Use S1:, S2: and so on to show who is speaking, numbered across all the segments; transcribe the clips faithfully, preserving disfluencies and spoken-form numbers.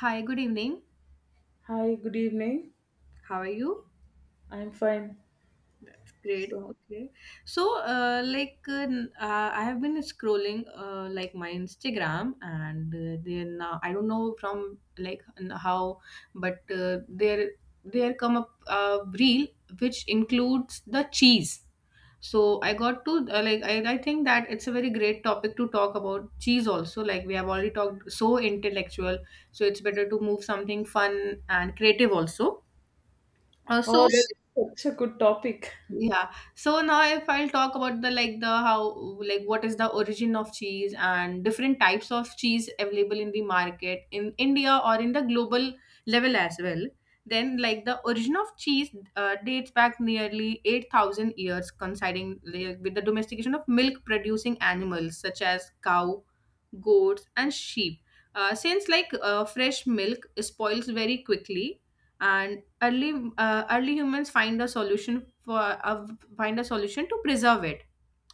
S1: Hi, good evening.
S2: Hi, good evening.
S1: How are you?
S2: I'm fine.
S1: That's great.
S2: So,
S1: Okay. So, uh, like, uh, n- uh, I have been scrolling uh, like my Instagram, and uh, then uh, I don't know from like n- how, but uh, there there come up a reel which includes the cheese. So I got to uh, like I, I think that it's a very great topic to talk about cheese also. Like we have already talked so intellectual, so it's better to move something fun and creative also. Uh, so
S2: oh, that's such a good topic.
S1: Yeah. So now if I'll talk about the like the how like what is the origin of cheese and different types of cheese available in the market in India or in the global level as well. Then like the origin of cheese uh, dates back nearly eight thousand years coinciding, like, with the domestication of milk producing animals such as cow, goats and sheep. Uh, since like uh, fresh milk spoils very quickly, and early uh, early humans find a solution for uh, find a solution to preserve it.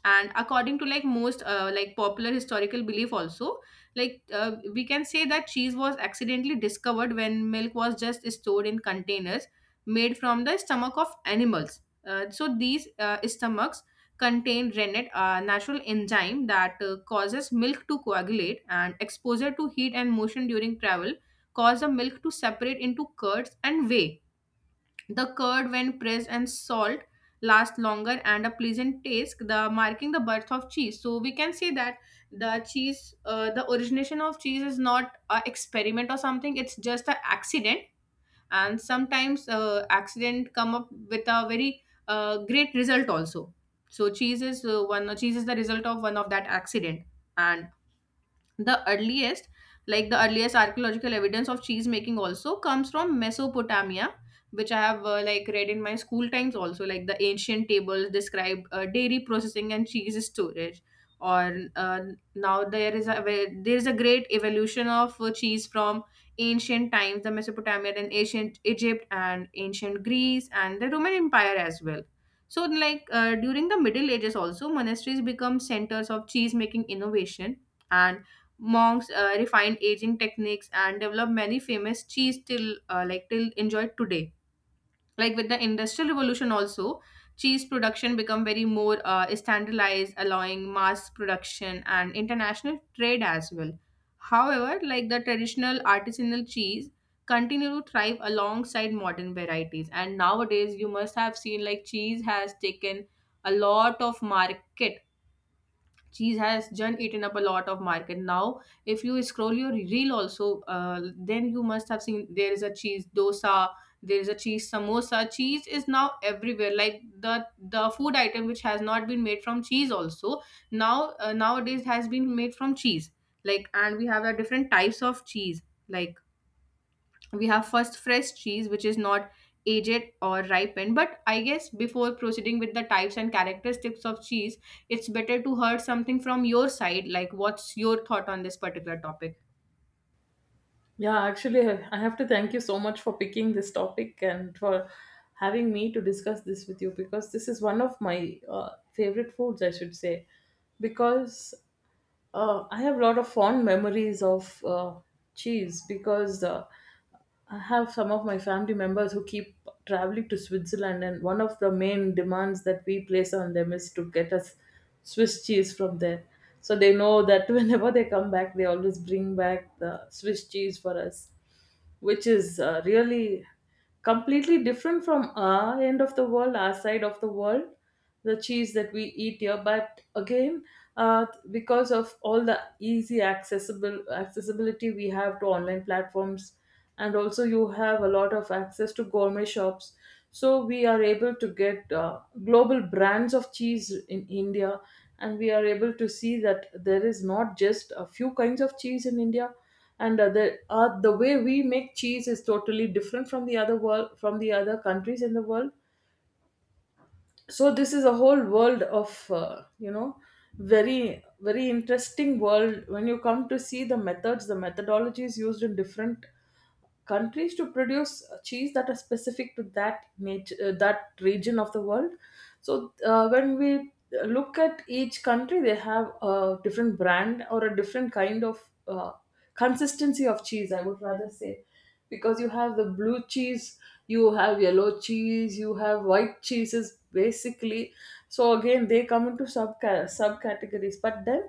S1: And according to like most uh, like popular historical belief also, like uh, we can say that cheese was accidentally discovered when milk was just stored in containers made from the stomach of animals. Uh, so these uh, stomachs contain rennet, a natural enzyme that uh, causes milk to coagulate, and exposure to heat and motion during travel cause the milk to separate into curds and whey. The curd, when pressed and salt, lasts longer and a pleasant taste, the marking the birth of cheese. So we can say that the cheese, uh, the origination of cheese is not an experiment or something. It's just an accident, and sometimes uh, accident come up with a very uh, great result also. So cheese is uh, one. Cheese is the result of one of that accident, and the earliest like the earliest archaeological evidence of cheese making also comes from mesopotamia, which I have uh, like read in my school times also. Like the ancient tables describe uh, dairy processing and cheese storage. Or uh, Now there is a where- there is a great evolution of uh, cheese from ancient times, the mesopotamia, then ancient egypt and ancient greece and the roman empire as well. So like uh, during the middle ages also, monasteries become centers of cheese making innovation, and monks uh, refined aging techniques and developed many famous cheese till uh, like till enjoyed today. Like with the industrial revolution also, cheese production become very more uh, standardized, allowing mass production and international trade as well. However, like the traditional artisanal cheese continue to thrive alongside modern varieties. And nowadays, you must have seen like cheese has taken a lot of market. Cheese has done eaten up a lot of market now. If you scroll your reel also, uh, then you must have seen there is a cheese dosa, there is a cheese samosa. Cheese is now everywhere. Like the the food item which has not been made from cheese also, now uh, nowadays has been made from cheese. Like, and we have a different types of cheese. Like we have first fresh cheese, which is not aged or ripened, but I guess before proceeding with the types and characteristics of cheese, it's better to hear something from your side, like what's your thought on this particular topic.
S2: Yeah, actually, I I have to thank you so much for picking this topic and for having me to discuss this with you because this is one of my uh, favorite foods, I should say. Because uh, I have a lot of fond memories of uh, cheese because uh, I have some of my family members who keep traveling to Switzerland, and one of the main demands that we place on them is to get us Swiss cheese from there. So they know that whenever they come back, they always bring back the Swiss cheese for us, which is uh, really completely different from our end of the world, our side of the world, the cheese that we eat here. But again, uh, because of all the easy accessible accessibility we have to online platforms, and also you have a lot of access to gourmet shops. So we are able to get uh, global brands of cheese in India, and we are able to see that there is not just a few kinds of cheese in India, and uh, the uh, the way we make cheese is totally different from the other world, from the other countries in the world. So this is a whole world of uh, you know very very interesting world when you come to see the methods the methodologies used in different countries to produce uh, cheese that are specific to that nature uh, that region of the world. So uh, when we look at each country, they have a different brand or a different kind of uh, consistency of cheese, I would rather say, because you have the blue cheese, you have yellow cheese, you have white cheeses basically. So again they come into sub subcategories. But then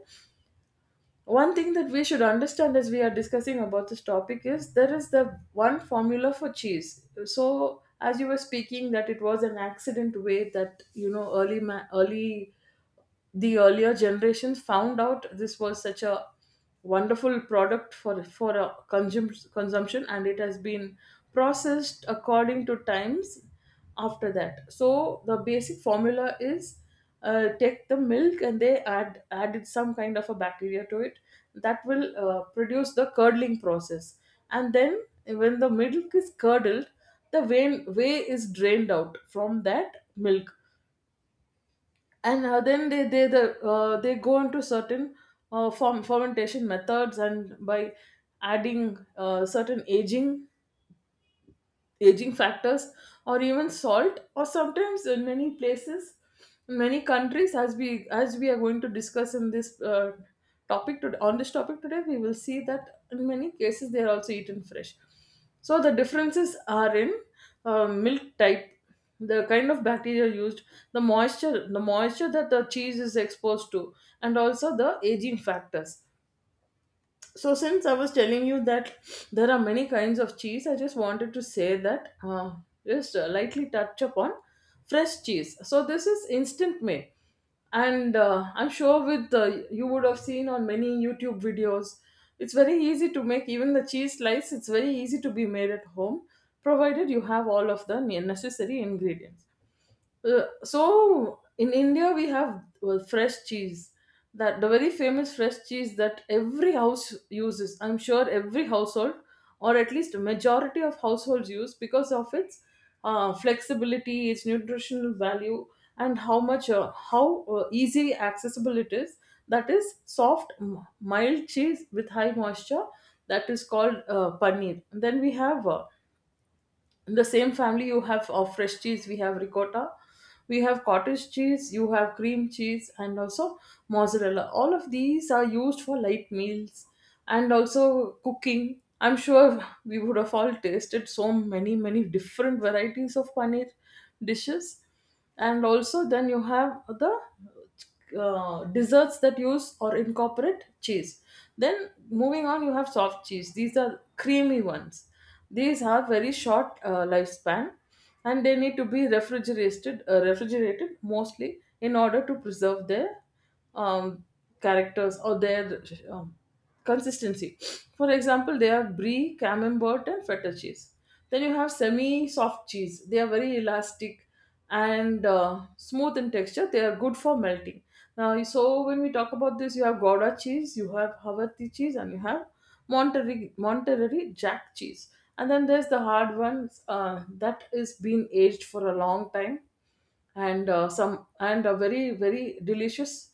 S2: one thing that we should understand, as we are discussing about this topic, is there is the one formula for cheese. So as you were speaking, that it was an accident, way that you know early ma- early the earlier generations found out this was such a wonderful product for for a consum- consumption, and it has been processed according to times after that. So the basic formula is, uh, take the milk and they add added some kind of a bacteria to it that will uh, produce the curdling process. And then when the milk is curdled, the vein way is drained out from that milk, and uh, then they they the, uh, they go into certain uh, form fermentation methods, and by adding uh, certain aging aging factors, or even salt, or sometimes in many places, in many countries, as we as we are going to discuss in this uh, topic to, on this topic today, we will see that in many cases they are also eaten fresh. So the differences are in uh, milk type, the kind of bacteria used, the moisture the moisture that the cheese is exposed to, and also the aging factors. So since I was telling you that there are many kinds of cheese, I just wanted to say that uh, just uh, lightly touch upon fresh cheese. So this is instant made, and uh, I'm sure with uh, you would have seen on many YouTube videos it's very easy to make. Even the cheese slice, it's very easy to be made at home, provided you have all of the ne- necessary ingredients. Uh, so in India we have, well, fresh cheese, that the very famous fresh cheese that every house uses. I'm sure every household, or at least a majority of households, use because of its uh, flexibility, its nutritional value, and how much uh, how uh, easy accessible it is. That is soft, m- mild cheese with high moisture. That is called uh, paneer. And then we have uh, in the same family, you have of fresh cheese, we have ricotta, we have cottage cheese, you have cream cheese, and also mozzarella. All of these are used for light meals and also cooking. I'm sure we would have all tasted so many many different varieties of paneer dishes, and also then you have the uh, desserts that use or incorporate cheese. Then moving on, you have soft cheese. These are creamy ones. These have very short uh, lifespan, and they need to be refrigerated uh, refrigerated mostly in order to preserve their um, characters, or their um, consistency. For example, they have brie, camembert, and feta cheese. Then you have semi soft cheese. They are very elastic and uh, smooth in texture. They are good for melting. Now, so when we talk about this, you have Gouda cheese, you have Havarti cheese, and you have Monterey, Monterey Jack cheese. And then there's the hard ones, uh, that is been aged for a long time, and uh, some and are very very delicious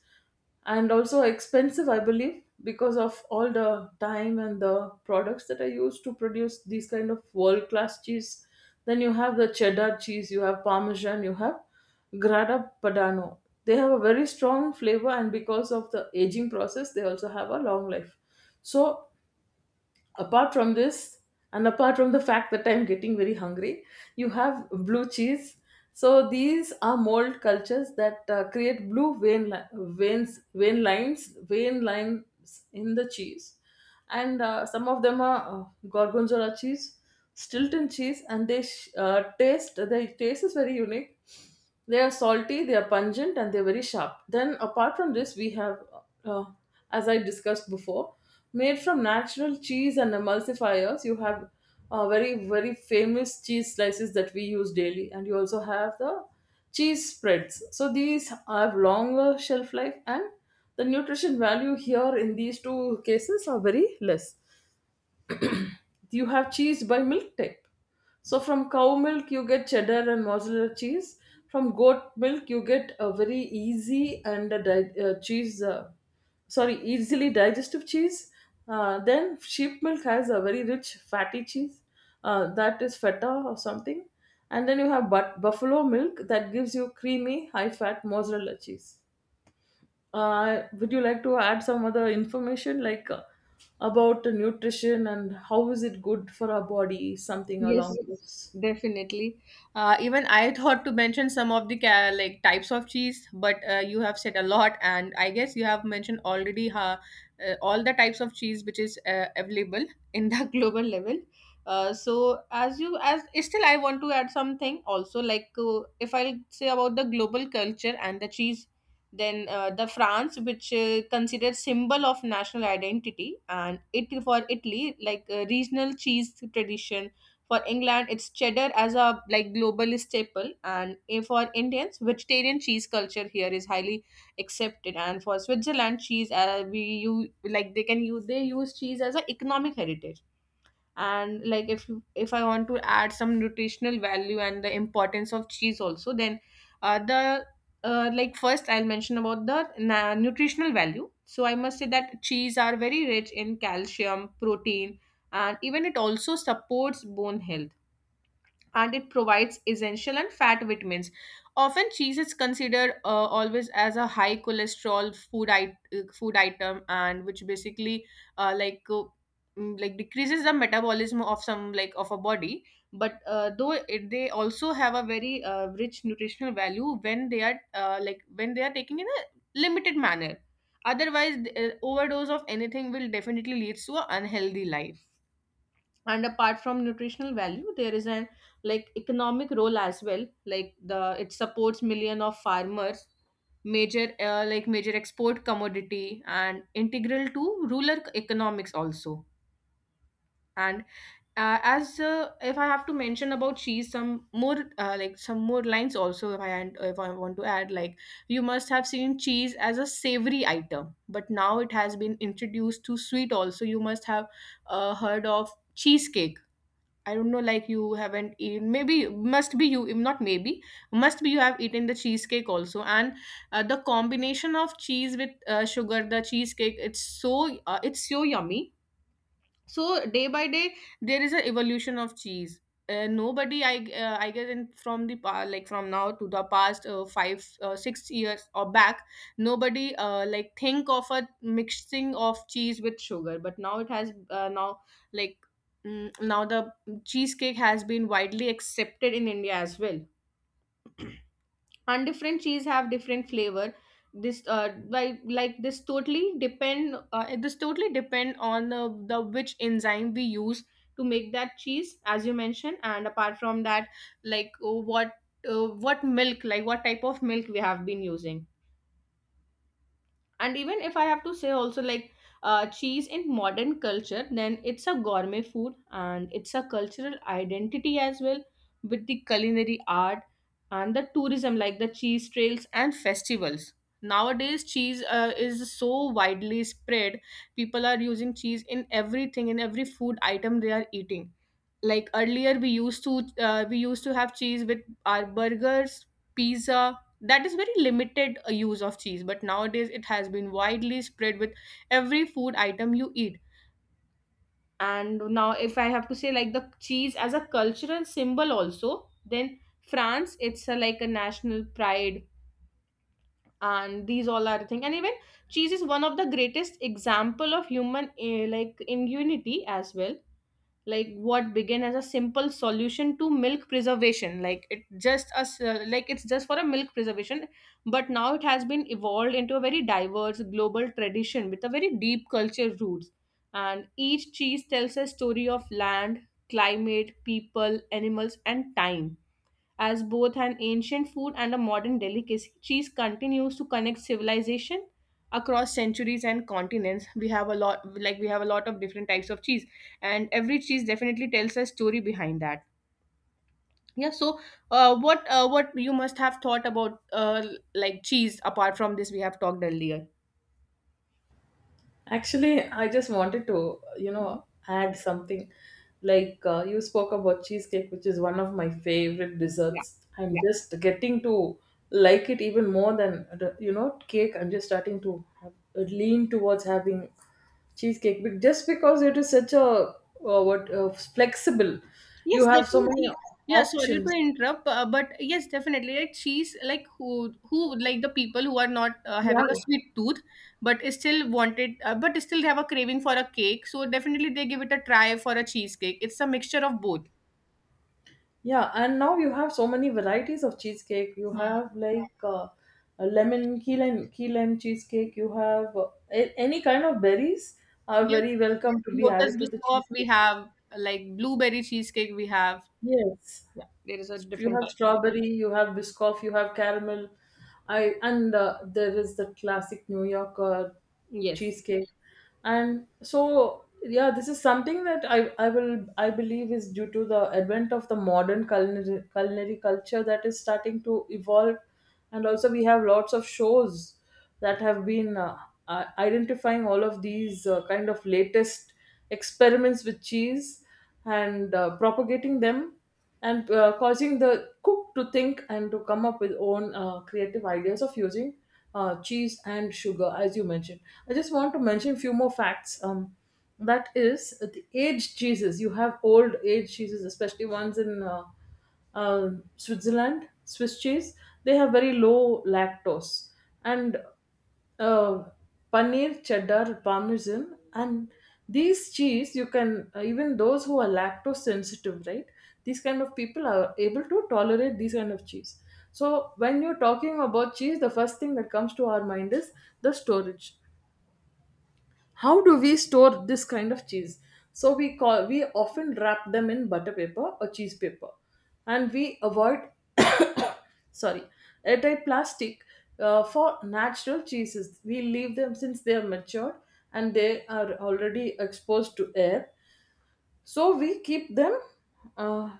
S2: and also expensive, I believe, because of all the time and the products that are used to produce these kind of world class cheese. Then you have the cheddar cheese, you have parmesan, you have grana padano. They have a very strong flavor, and because of the aging process they also have a long life. So apart from this, and apart from the fact that I'm getting very hungry, you have blue cheese. So these are mold cultures that uh, create blue vein li- veins vein lines vein lines in the cheese, and uh, some of them are uh, gorgonzola cheese, stilton cheese. And they sh- uh, taste their taste is very unique. They are salty, they are pungent, and they're very sharp. Then, apart from this, we have, uh, as I discussed before, made from natural cheese and emulsifiers. You have uh, very, very famous cheese slices that we use daily, and you also have the cheese spreads. So these have longer shelf life, and the nutrition value here in these two cases are very less. You have cheese by milk type. So from cow milk you get cheddar and mozzarella cheese. From goat milk you get a very easy and a di- uh, cheese, uh, sorry, easily digestive cheese. Uh, then sheep milk has a very rich fatty cheese, uh, that is feta or something. And then you have but buffalo milk that gives you creamy high fat mozzarella cheese. Uh, would you like to add some other information, like uh, about the nutrition and how is it good for our body, something along
S1: Yes,
S2: those?
S1: definitely. Uh, even I thought to mention some of the ca like types of cheese, but uh, you have said a lot, and I guess you have mentioned already uh, uh, all the types of cheese which is uh, available in the global level. Uh, so as you as Still, I want to add something also. Like uh, if I'll say about the global culture and the cheese, then uh, the France, which uh, considered symbol of national identity, and it for Italy, like uh, regional cheese tradition. For England, it's cheddar as a like global staple, and eh, for Indians, vegetarian cheese culture here is highly accepted. And for Switzerland, cheese uh, we you like they can use they use cheese as a economic heritage. And like if if I want to add some nutritional value and the importance of cheese also, then uh, the uh, like first I'll mention about the na- nutritional value. So I must say that cheese are very rich in calcium, protein, and even it also supports bone health, and it provides essential and fat vitamins. Often, cheese is considered uh, always as a high cholesterol food it- uh, food item, and which basically uh, like uh, mm, like decreases the metabolism of some like of a body. But uh, though it, they also have a very uh, rich nutritional value when they are uh, like when they are taken in a limited manner. Otherwise, the, uh, overdose of anything will definitely leads to an unhealthy life. And apart from nutritional value, there is an like economic role as well. Like the it supports million of farmers, major uh, like major export commodity and integral to rural economics also. And uh, as uh, if I have to mention about cheese some more, uh, like some more lines also, if i and if I want to add, like, you must have seen cheese as a savory item, but now it has been introduced to sweet also. You must have uh, heard of cheesecake. I don't know, like you haven't eaten. Maybe must be you. If not, maybe must be you have eaten the cheesecake also. And uh, the combination of cheese with uh, sugar, the cheesecake, it's so uh, it's so yummy. So day by day, there is an evolution of cheese. Uh, nobody i uh, i guess in from the pa- like from now to the past uh, five uh, six years or back, nobody uh, like think of a mixing of cheese with sugar, but now it has uh, now like mm, now the cheesecake has been widely accepted in india as well. And different cheese have different flavor. this uh like like this totally depend uh, this totally depend on the, the which enzyme we use to make that cheese, as you mentioned. And apart from that, like uh, what uh, what milk, like what type of milk we have been using. And even if I have to say also, like, uh, cheese in modern culture, then it's a gourmet food and it's a cultural identity as well, with the culinary art and the tourism, like the cheese trails and festivals. Nowadays cheese uh, is so widely spread. People are using cheese in everything, in every food item they are eating. Like earlier we used to uh, we used to have cheese with our burgers, pizza. That is very limited uh, use of cheese, but nowadays it has been widely spread with every food item you eat. And now if I have to say like the cheese as a cultural symbol also, then france, it's a, like a national pride. And these all are the thing, and even cheese is one of the greatest example of human eh, like in unity as well. Like what began as a simple solution to milk preservation, like it just as uh, like it's just for a milk preservation, but now it has been evolved into a very diverse global tradition with a very deep culture roots. And each cheese tells a story of land, climate, people, animals and time. As both an ancient food and a modern delicacy, cheese continues to connect civilization across centuries and continents. We have a lot, like we have a lot of different types of cheese, and every cheese definitely tells a story behind that. Yeah, so uh, what uh, what you must have thought about uh, like cheese apart from this we have talked earlier.
S2: Actually, I just wanted to, you
S1: Mhm.
S2: know, add something. Like uh, you spoke about cheesecake, which is one of my favorite
S1: Yeah.
S2: desserts. I'm just getting to like it even more than, the- you know, cake. I'm just starting to have, lean towards having cheesecake, but just because it is such a uh, what uh, flexible.
S1: Yes,
S2: You have so many
S1: definitely. Yeah, sorry to
S2: options.
S1: interrupt, uh, but yes, definitely. Like she's like who who like the people who are not uh, having
S2: Yeah,
S1: a sweet tooth, but still wanted, uh, but still have a craving for a cake. So definitely they give it a try for a cheesecake. It's a mixture of both.
S2: yeah, and now you have so many varieties of cheesecake. You
S1: Hmm.
S2: have like uh, a lemon key lime, key lime cheesecake. You have uh, a- any kind of berries are
S1: Yeah,
S2: very welcome to be
S1: lotus
S2: added to the
S1: biscoff we
S2: cheesecake.
S1: have, like blueberry cheesecake we have.
S2: Yes,
S1: Yeah, there is a
S2: you
S1: different
S2: have
S1: type.
S2: strawberry, you have biscoff, you have caramel. I and uh, There is the classic New Yorker
S1: Yes.
S2: cheesecake. And so yeah, this is something that I, I will I believe is due to the advent of the modern culinary culinary culture that is starting to evolve, and also we have lots of shows that have been uh, uh, identifying all of these uh, kind of latest experiments with cheese, and uh, propagating them, and uh, causing the cook to think and to come up with own uh, creative ideas of using uh, cheese and sugar, as you mentioned. I just want to mention few more facts. Um, that is, uh, the aged cheeses, you have old aged cheeses, especially ones in uh, uh, Switzerland, Swiss cheese. They have very low lactose, and uh, paneer, cheddar, parmesan, and these cheese you can, uh, even those who are lactose sensitive, right? These kind of people are able to tolerate these kind of cheese. So when you're talking about cheese, the first thing that comes to our mind is the storage. How do we store this kind of cheese? So we call we often wrap them in butter paper or cheese paper, and we avoid sorry airtight plastic. Uh, for natural cheeses we leave them, since they are matured and they are already exposed to air, so we keep them uh,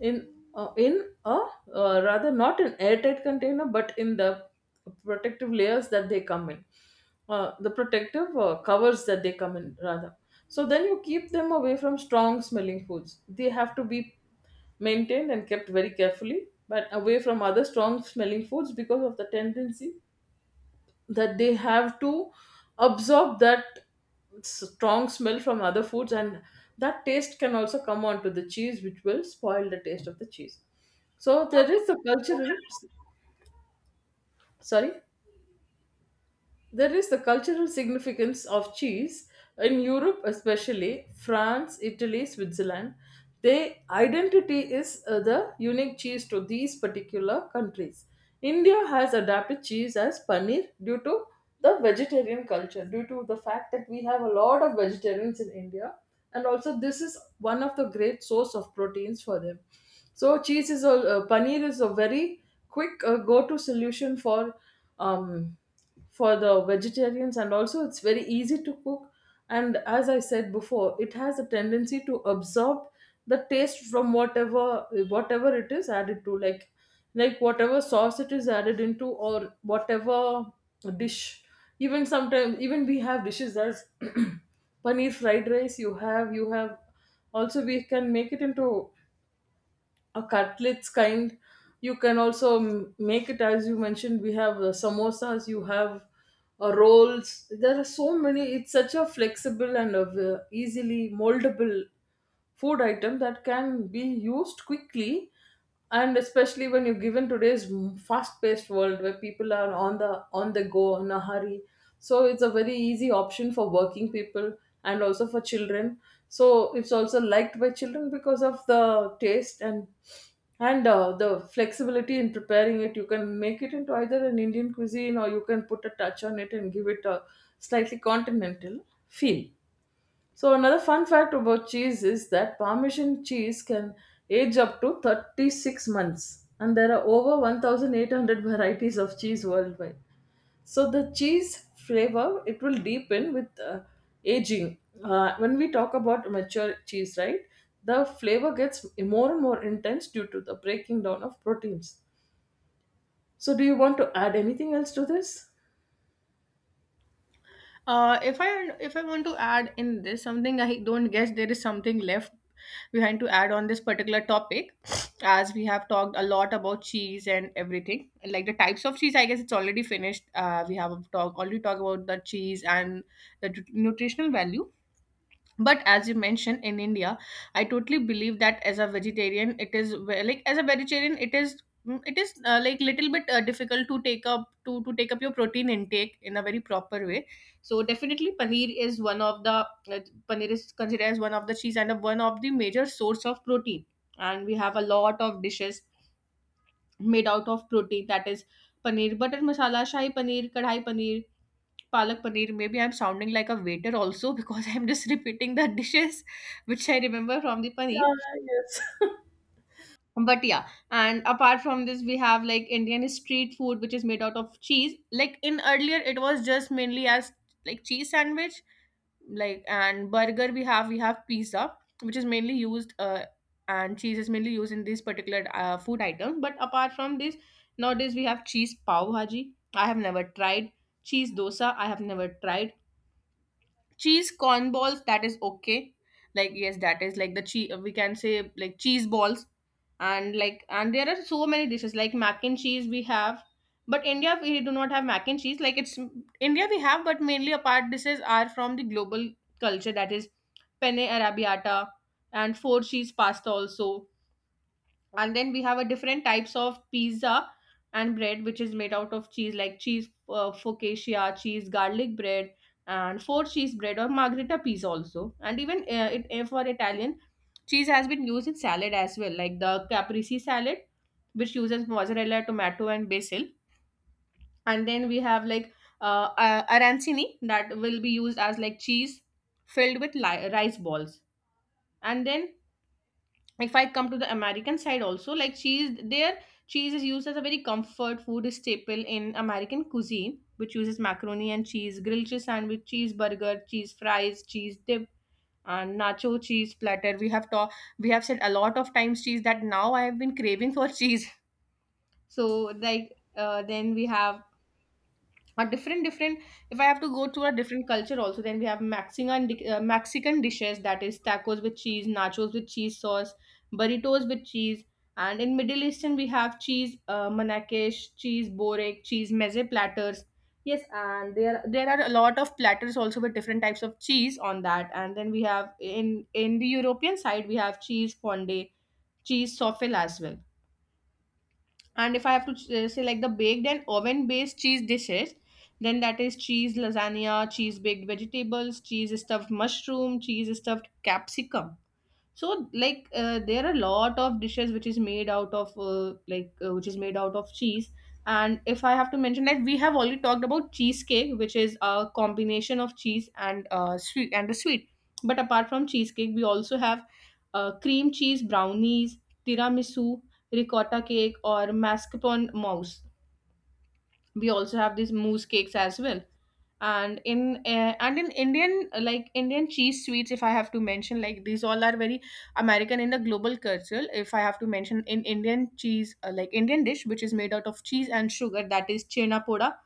S2: in, uh, in a uh, rather not an airtight container, but in the protective layers that they come in, uh, the protective uh, covers that they come in rather. So then you keep them away from strong smelling foods. They have to be maintained and kept very carefully, but away from other strong smelling foods, because of the tendency that they have to absorb that strong smell from other foods, and that taste can also come onto the cheese, which will spoil the taste of the cheese. So there is a cultural sorry There is the cultural significance of cheese in Europe, especially France, Italy, Switzerland. Their identity is uh, the unique cheese to these particular countries. India has adapted cheese as paneer due to the vegetarian culture, due to the fact that we have a lot of vegetarians in India, and also this is one of the great source of proteins for them. So cheese is a uh, paneer is a very quick uh, go-to solution for um, for the vegetarians, and also it's very easy to cook. And as I said before, it has a tendency to absorb the taste from whatever whatever it is added to, like like whatever sauce it is added into, or whatever dish. Even sometimes, even we have dishes as paneer fried rice. You have you have Also we can make it into a cutlets kind. You can also m- make it, as you mentioned, we have uh, samosas, you have uh, rolls. There are so many. It's such a flexible and uh, easily moldable food item that can be used quickly, and especially when you're given today's fast paced world where people are on the on the go in a hurry. So it's a very easy option for working people, and also for children. So it's also liked by children because of the taste, and and uh, the flexibility in preparing it. You can make it into either an Indian cuisine, or you can put a touch on it and give it a slightly continental feel. So another fun fact about cheese is that Parmesan cheese can age up to thirty-six months, and there are over one thousand eight hundred varieties of cheese worldwide. So the cheese flavor, it will deepen with uh, aging. Uh, when we talk about mature cheese, right? The flavor gets more and more intense due to the breaking down of proteins. So do you want to add anything else to this?
S1: Uh, if I if I want to add in this something, I don't guess there is something left behind to add on this particular topic, as we have talked a lot about cheese and everything, like the types of cheese. I guess it's already finished. Uh, we have talk already talked about the cheese and the nu- nutritional value, but as you mentioned in India, I totally believe that as a vegetarian it is ve- like as a vegetarian it is mm, it is uh, like little bit uh, difficult to take up to to take up your protein intake in a very proper way. So definitely paneer is one of the uh, paneer is considered as one of the cheese and a, one of the major source of protein, and we have a lot of dishes made out of protein, that is paneer butter masala, shahi paneer, kadhai paneer, palak paneer. Maybe I'm sounding like a waiter also because I'm just repeating the dishes which I remember from the paneer.
S2: Yeah, yes.
S1: But yeah, and apart from this, we have like Indian street food which is made out of cheese. Like in earlier, it was just mainly as like cheese sandwich, like and burger. We have we have pizza which is mainly used uh, and cheese is mainly used in this particular uh, food item. But apart from this, nowadays we have cheese pav bhaji. I have never tried cheese dosa. I have never tried cheese corn balls, that is okay, like, yes, that is like the cheese, we can say like cheese balls. And like, and there are so many dishes like mac and cheese we have, but India we do not have mac and cheese, like it's India we have, but mainly apart dishes are from the global culture, that is penne arrabbiata and four cheese pasta also. And then we have a different types of pizza and bread which is made out of cheese, like cheese uh, focaccia, cheese garlic bread, and four cheese bread or margherita pizza also. And even uh, it, uh, for Italian, cheese has been used in salad as well, like the caprese salad, which uses mozzarella, tomato and basil. And then we have like uh, uh, arancini, that will be used as like cheese filled with li- rice balls. And then if I come to the American side also, like cheese, there cheese is used as a very comfort food staple in American cuisine, which uses macaroni and cheese, grilled cheese sandwich, cheeseburger, cheese fries, cheese dip, and nacho cheese platter. We have talked, we have said a lot of times cheese, that now I have been craving for cheese. So like uh, then we have a different different if I have to go to a different culture also, then we have mexican di- uh, mexican dishes, that is tacos with cheese, nachos with cheese sauce, burritos with cheese. And in Middle Eastern we have cheese uh, manakesh, cheese borek, cheese meze platters, yes, and there there are a lot of platters also with different types of cheese on that. And then we have in in the European side we have cheese fondue, cheese souffle as well. And if I have to ch- uh, say like the baked and oven based cheese dishes, then that is cheese lasagna, cheese baked vegetables, cheese stuffed mushroom, cheese stuffed capsicum. So, like, uh, there are a lot of dishes which is made out of uh, like uh, which is made out of cheese. And if I have to mention, like, we have already talked about cheesecake, which is a combination of cheese and uh, sweet and the sweet. But apart from cheesecake, we also have uh, cream cheese brownies, tiramisu, ricotta cake, or mascarpone mousse. We also have these mousse cakes as well. And in uh, and in Indian uh, like Indian cheese sweets, if I have to mention, like these all are very American in the global culture. If I have to mention in Indian cheese, uh, like Indian dish which is made out of cheese and sugar, that is chena poda,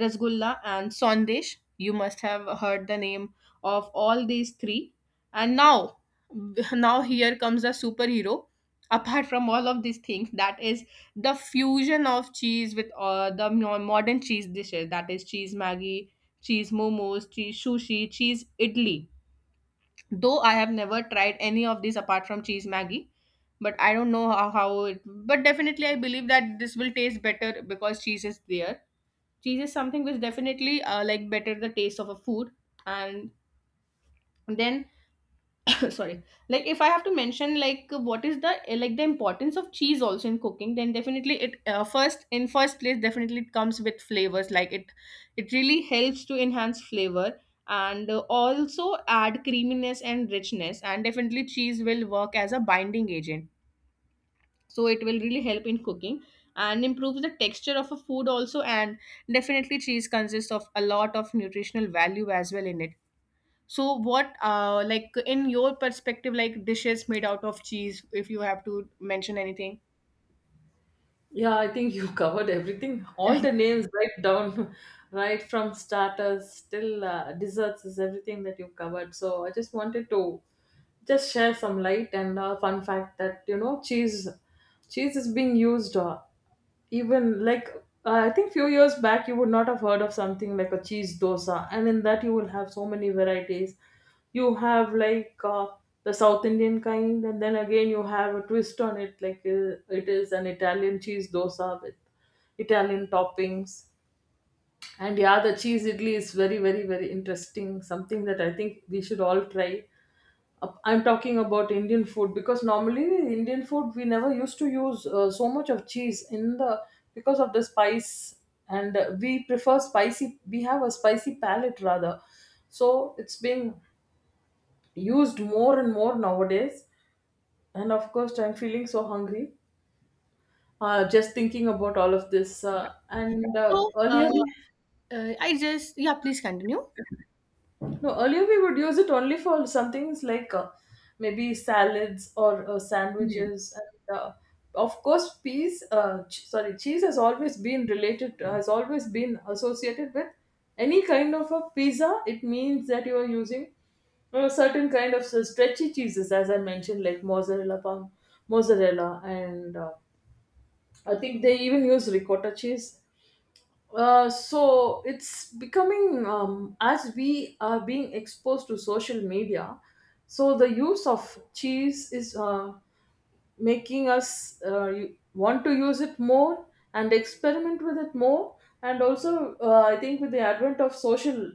S1: rasgulla and sandesh. You must have heard the name of all these three. And now now here comes a superhero apart from all of these things, that is the fusion of cheese with uh, the mo- modern cheese dishes, that is cheese maggi, cheese momos, cheese sushi, cheese idli. Though I have never tried any of these apart from cheese Maggie, but I don't know how, how it. But definitely, I believe that this will taste better because cheese is there. Cheese is something which definitely uh, like better the taste of a food, and then sorry, like if I have to mention, like what is the eh, like the importance of cheese also in cooking, then definitely it uh, first in first place definitely it comes with flavors, like it it really helps to enhance flavor and uh, also add creaminess and richness. And definitely cheese will work as a binding agent, so it will really help in cooking and improves the texture of a food also. And definitely cheese consists of a lot of nutritional value as well in it. So what uh like in your perspective, like dishes made out of cheese, if you have to mention anything?
S2: Yeah, I think you covered everything. All the names right down, right from starters till uh, desserts is everything that you covered. So I just wanted to just share some light and a fun fact that you know cheese, cheese is being used, uh, even like uh, I think few years back you would not have heard of something like a cheese dosa, and in that you will have so many varieties. You have like uh, the South Indian kind, and then again you have a twist on it, like uh, it is an Italian cheese dosa with Italian toppings. And yeah, the cheese idli is very, very, very interesting. Something that I think we should all try. uh, I'm talking about Indian food, because normally Indian food we never used to use uh, so much of cheese in the, because of the spice, and uh, we prefer spicy, we have a spicy palate rather. So it's being used more and more nowadays, and of course I'm feeling so hungry uh, just thinking about all of this, uh, and uh,
S1: So, uh,
S2: earlier.
S1: uh, I just, yeah, please continue.
S2: No, earlier we would use it only for some things like, uh, maybe salads or uh,
S1: Hmm.
S2: sandwiches, and uh, of course, peas. Uh, ch- sorry, cheese has always been related, uh, has always been associated with any kind of a pizza. It means that you are using uh, certain kind of s- stretchy cheeses, as I mentioned, like mozzarella, palm, mozzarella, and uh, I think they even use ricotta cheese. Uh, so it's becoming, um, as we are being exposed to social media, so the use of cheese is uh, making us uh, you- want to use it more and experiment with it more. And also, uh, I think with the advent of social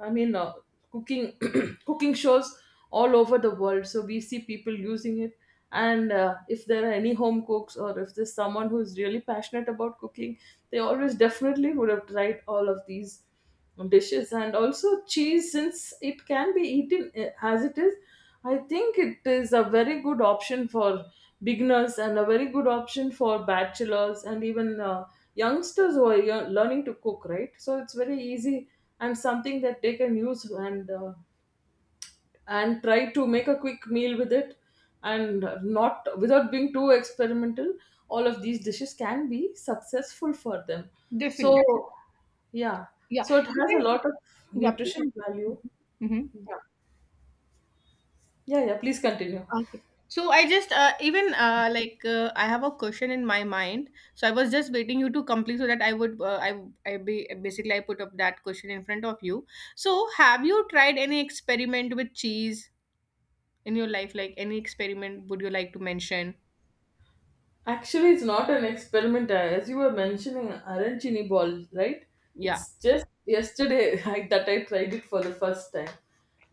S2: I mean uh, cooking cooking shows all over the world, so we see people using it. And uh, if there are any home cooks, or if there's someone who's really passionate about cooking, they always definitely would have tried all of these dishes. And also cheese, since it can be eaten eh, as it is, I think it is a very good option for beginners, and a very good option for bachelors, and even uh, youngsters who are year- learning to cook, right? So it's very easy, and something that they can use, and uh, and try to make a quick meal with it, and not without being too experimental. All of these dishes can be successful for them. So
S1: Definitely.
S2: yeah,
S1: Yeah.
S2: so it has
S1: Even
S2: a lot of
S1: yeah, please.
S2: nutrition value.
S1: Mm-hmm.
S2: Yeah, yeah, yeah, please continue.
S1: Okay. So I just uh, even uh, like uh, I have a question in my mind. So I was just waiting you to complete so that I would uh, I I be, basically I put up that question in front of you. So have you tried any experiment with cheese in your life, like any experiment would you like to mention?
S2: Actually, it's not an experiment. uh, As you were mentioning, arancini ball, right?
S1: Yeah.
S2: It's just yesterday I, that I tried it for the first time,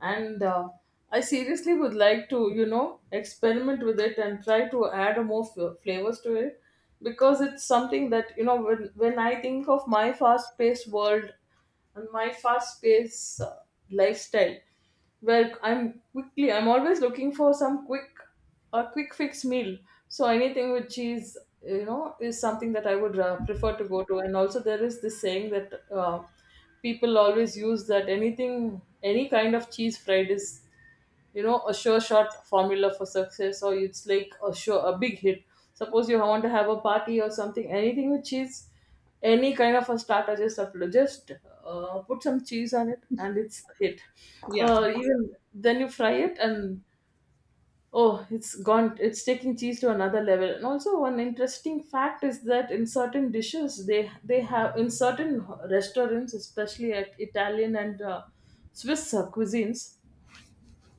S2: and uh, I seriously would like to, you know, experiment with it and try to add more f- flavors to it, because it's something that, you know, when when I think of my fast-paced world and my fast-paced uh, lifestyle, where I'm quickly, I'm always looking for some quick a quick fix meal. So anything with cheese, you know, is something that I would uh, prefer to go to. And also, there is this saying that uh, people always use, that anything, any kind of cheese fried is, you know, a sure shot formula for success, or it's like a sure a big hit. Suppose you want to have a party or something, anything with cheese, any kind of a starter, just upload, just uh, put some cheese on it, and it's a hit.
S1: Yeah.
S2: Uh, even then you fry it and, oh, it's gone. It's taking cheese to another level. And also, one interesting fact is that in certain dishes, they they have, in certain restaurants, especially at Italian and uh, Swiss uh, cuisines,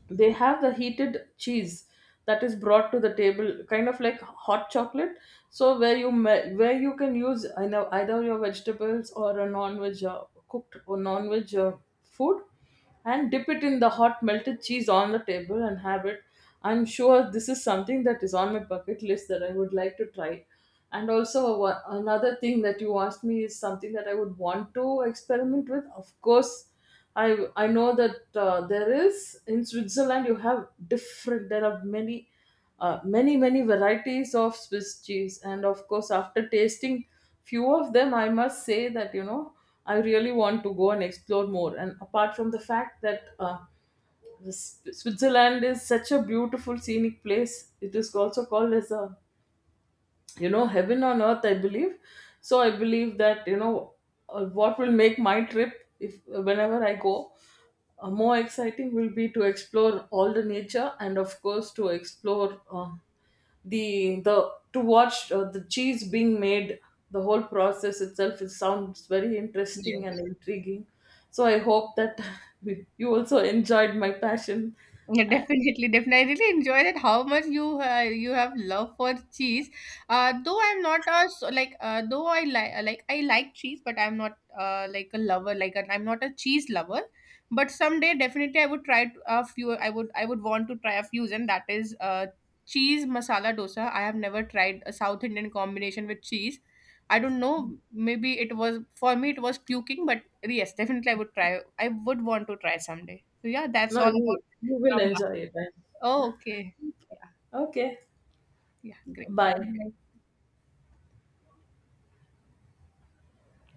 S2: they have the heated cheese that is brought to the table, kind of like hot chocolate. So where you me- where you can use, I know, either your vegetables or a non-veg uh, cooked or non-veg uh, food, and dip it in the hot melted cheese on the table and have it. I'm sure this is something that is on my bucket list that I would like to try. And also, one- another thing that you asked me is something that I would want to experiment with. Of course, I I know that uh, there is, in Switzerland you have different, there are many uh, many many varieties of Swiss cheese, and of course after tasting few of them, I must say that, you know, I really want to go and explore more. And apart from the fact that uh, the S- Switzerland is such a beautiful scenic place, it is also called as a, you know, heaven on earth, I believe. So I believe that, you know, uh, what will make my trip, if whenever I go, uh, more exciting, will be to explore all the nature, and of course to explore uh, the the to watch uh, the cheese being made. The whole process itself, it sounds very
S1: Yeah.
S2: interesting and intriguing. So I hope that you also enjoyed my passion.
S1: Yeah,
S2: Uh,
S1: definitely, definitely. I really enjoyed it. How much you uh, you have love for cheese. Uh, though I'm not a so, like uh, though I like like I like cheese, but I'm not uh, like a lover. Like an, I'm not a cheese lover. But someday, definitely, I would try to- a few. I would I would want to try a fusion, that is uh, cheese masala dosa. I have never tried a South Indian combination with cheese. I don't know. Maybe it was for me. It was puking, but yes, definitely, I would try. I would want to try someday. So yeah, that's
S2: no,
S1: all
S2: you
S1: about.
S2: you will
S1: From.
S2: enjoy it.
S1: Oh, okay. Yeah,
S2: Okay,
S1: yeah, great.
S2: bye.
S1: Bye-bye.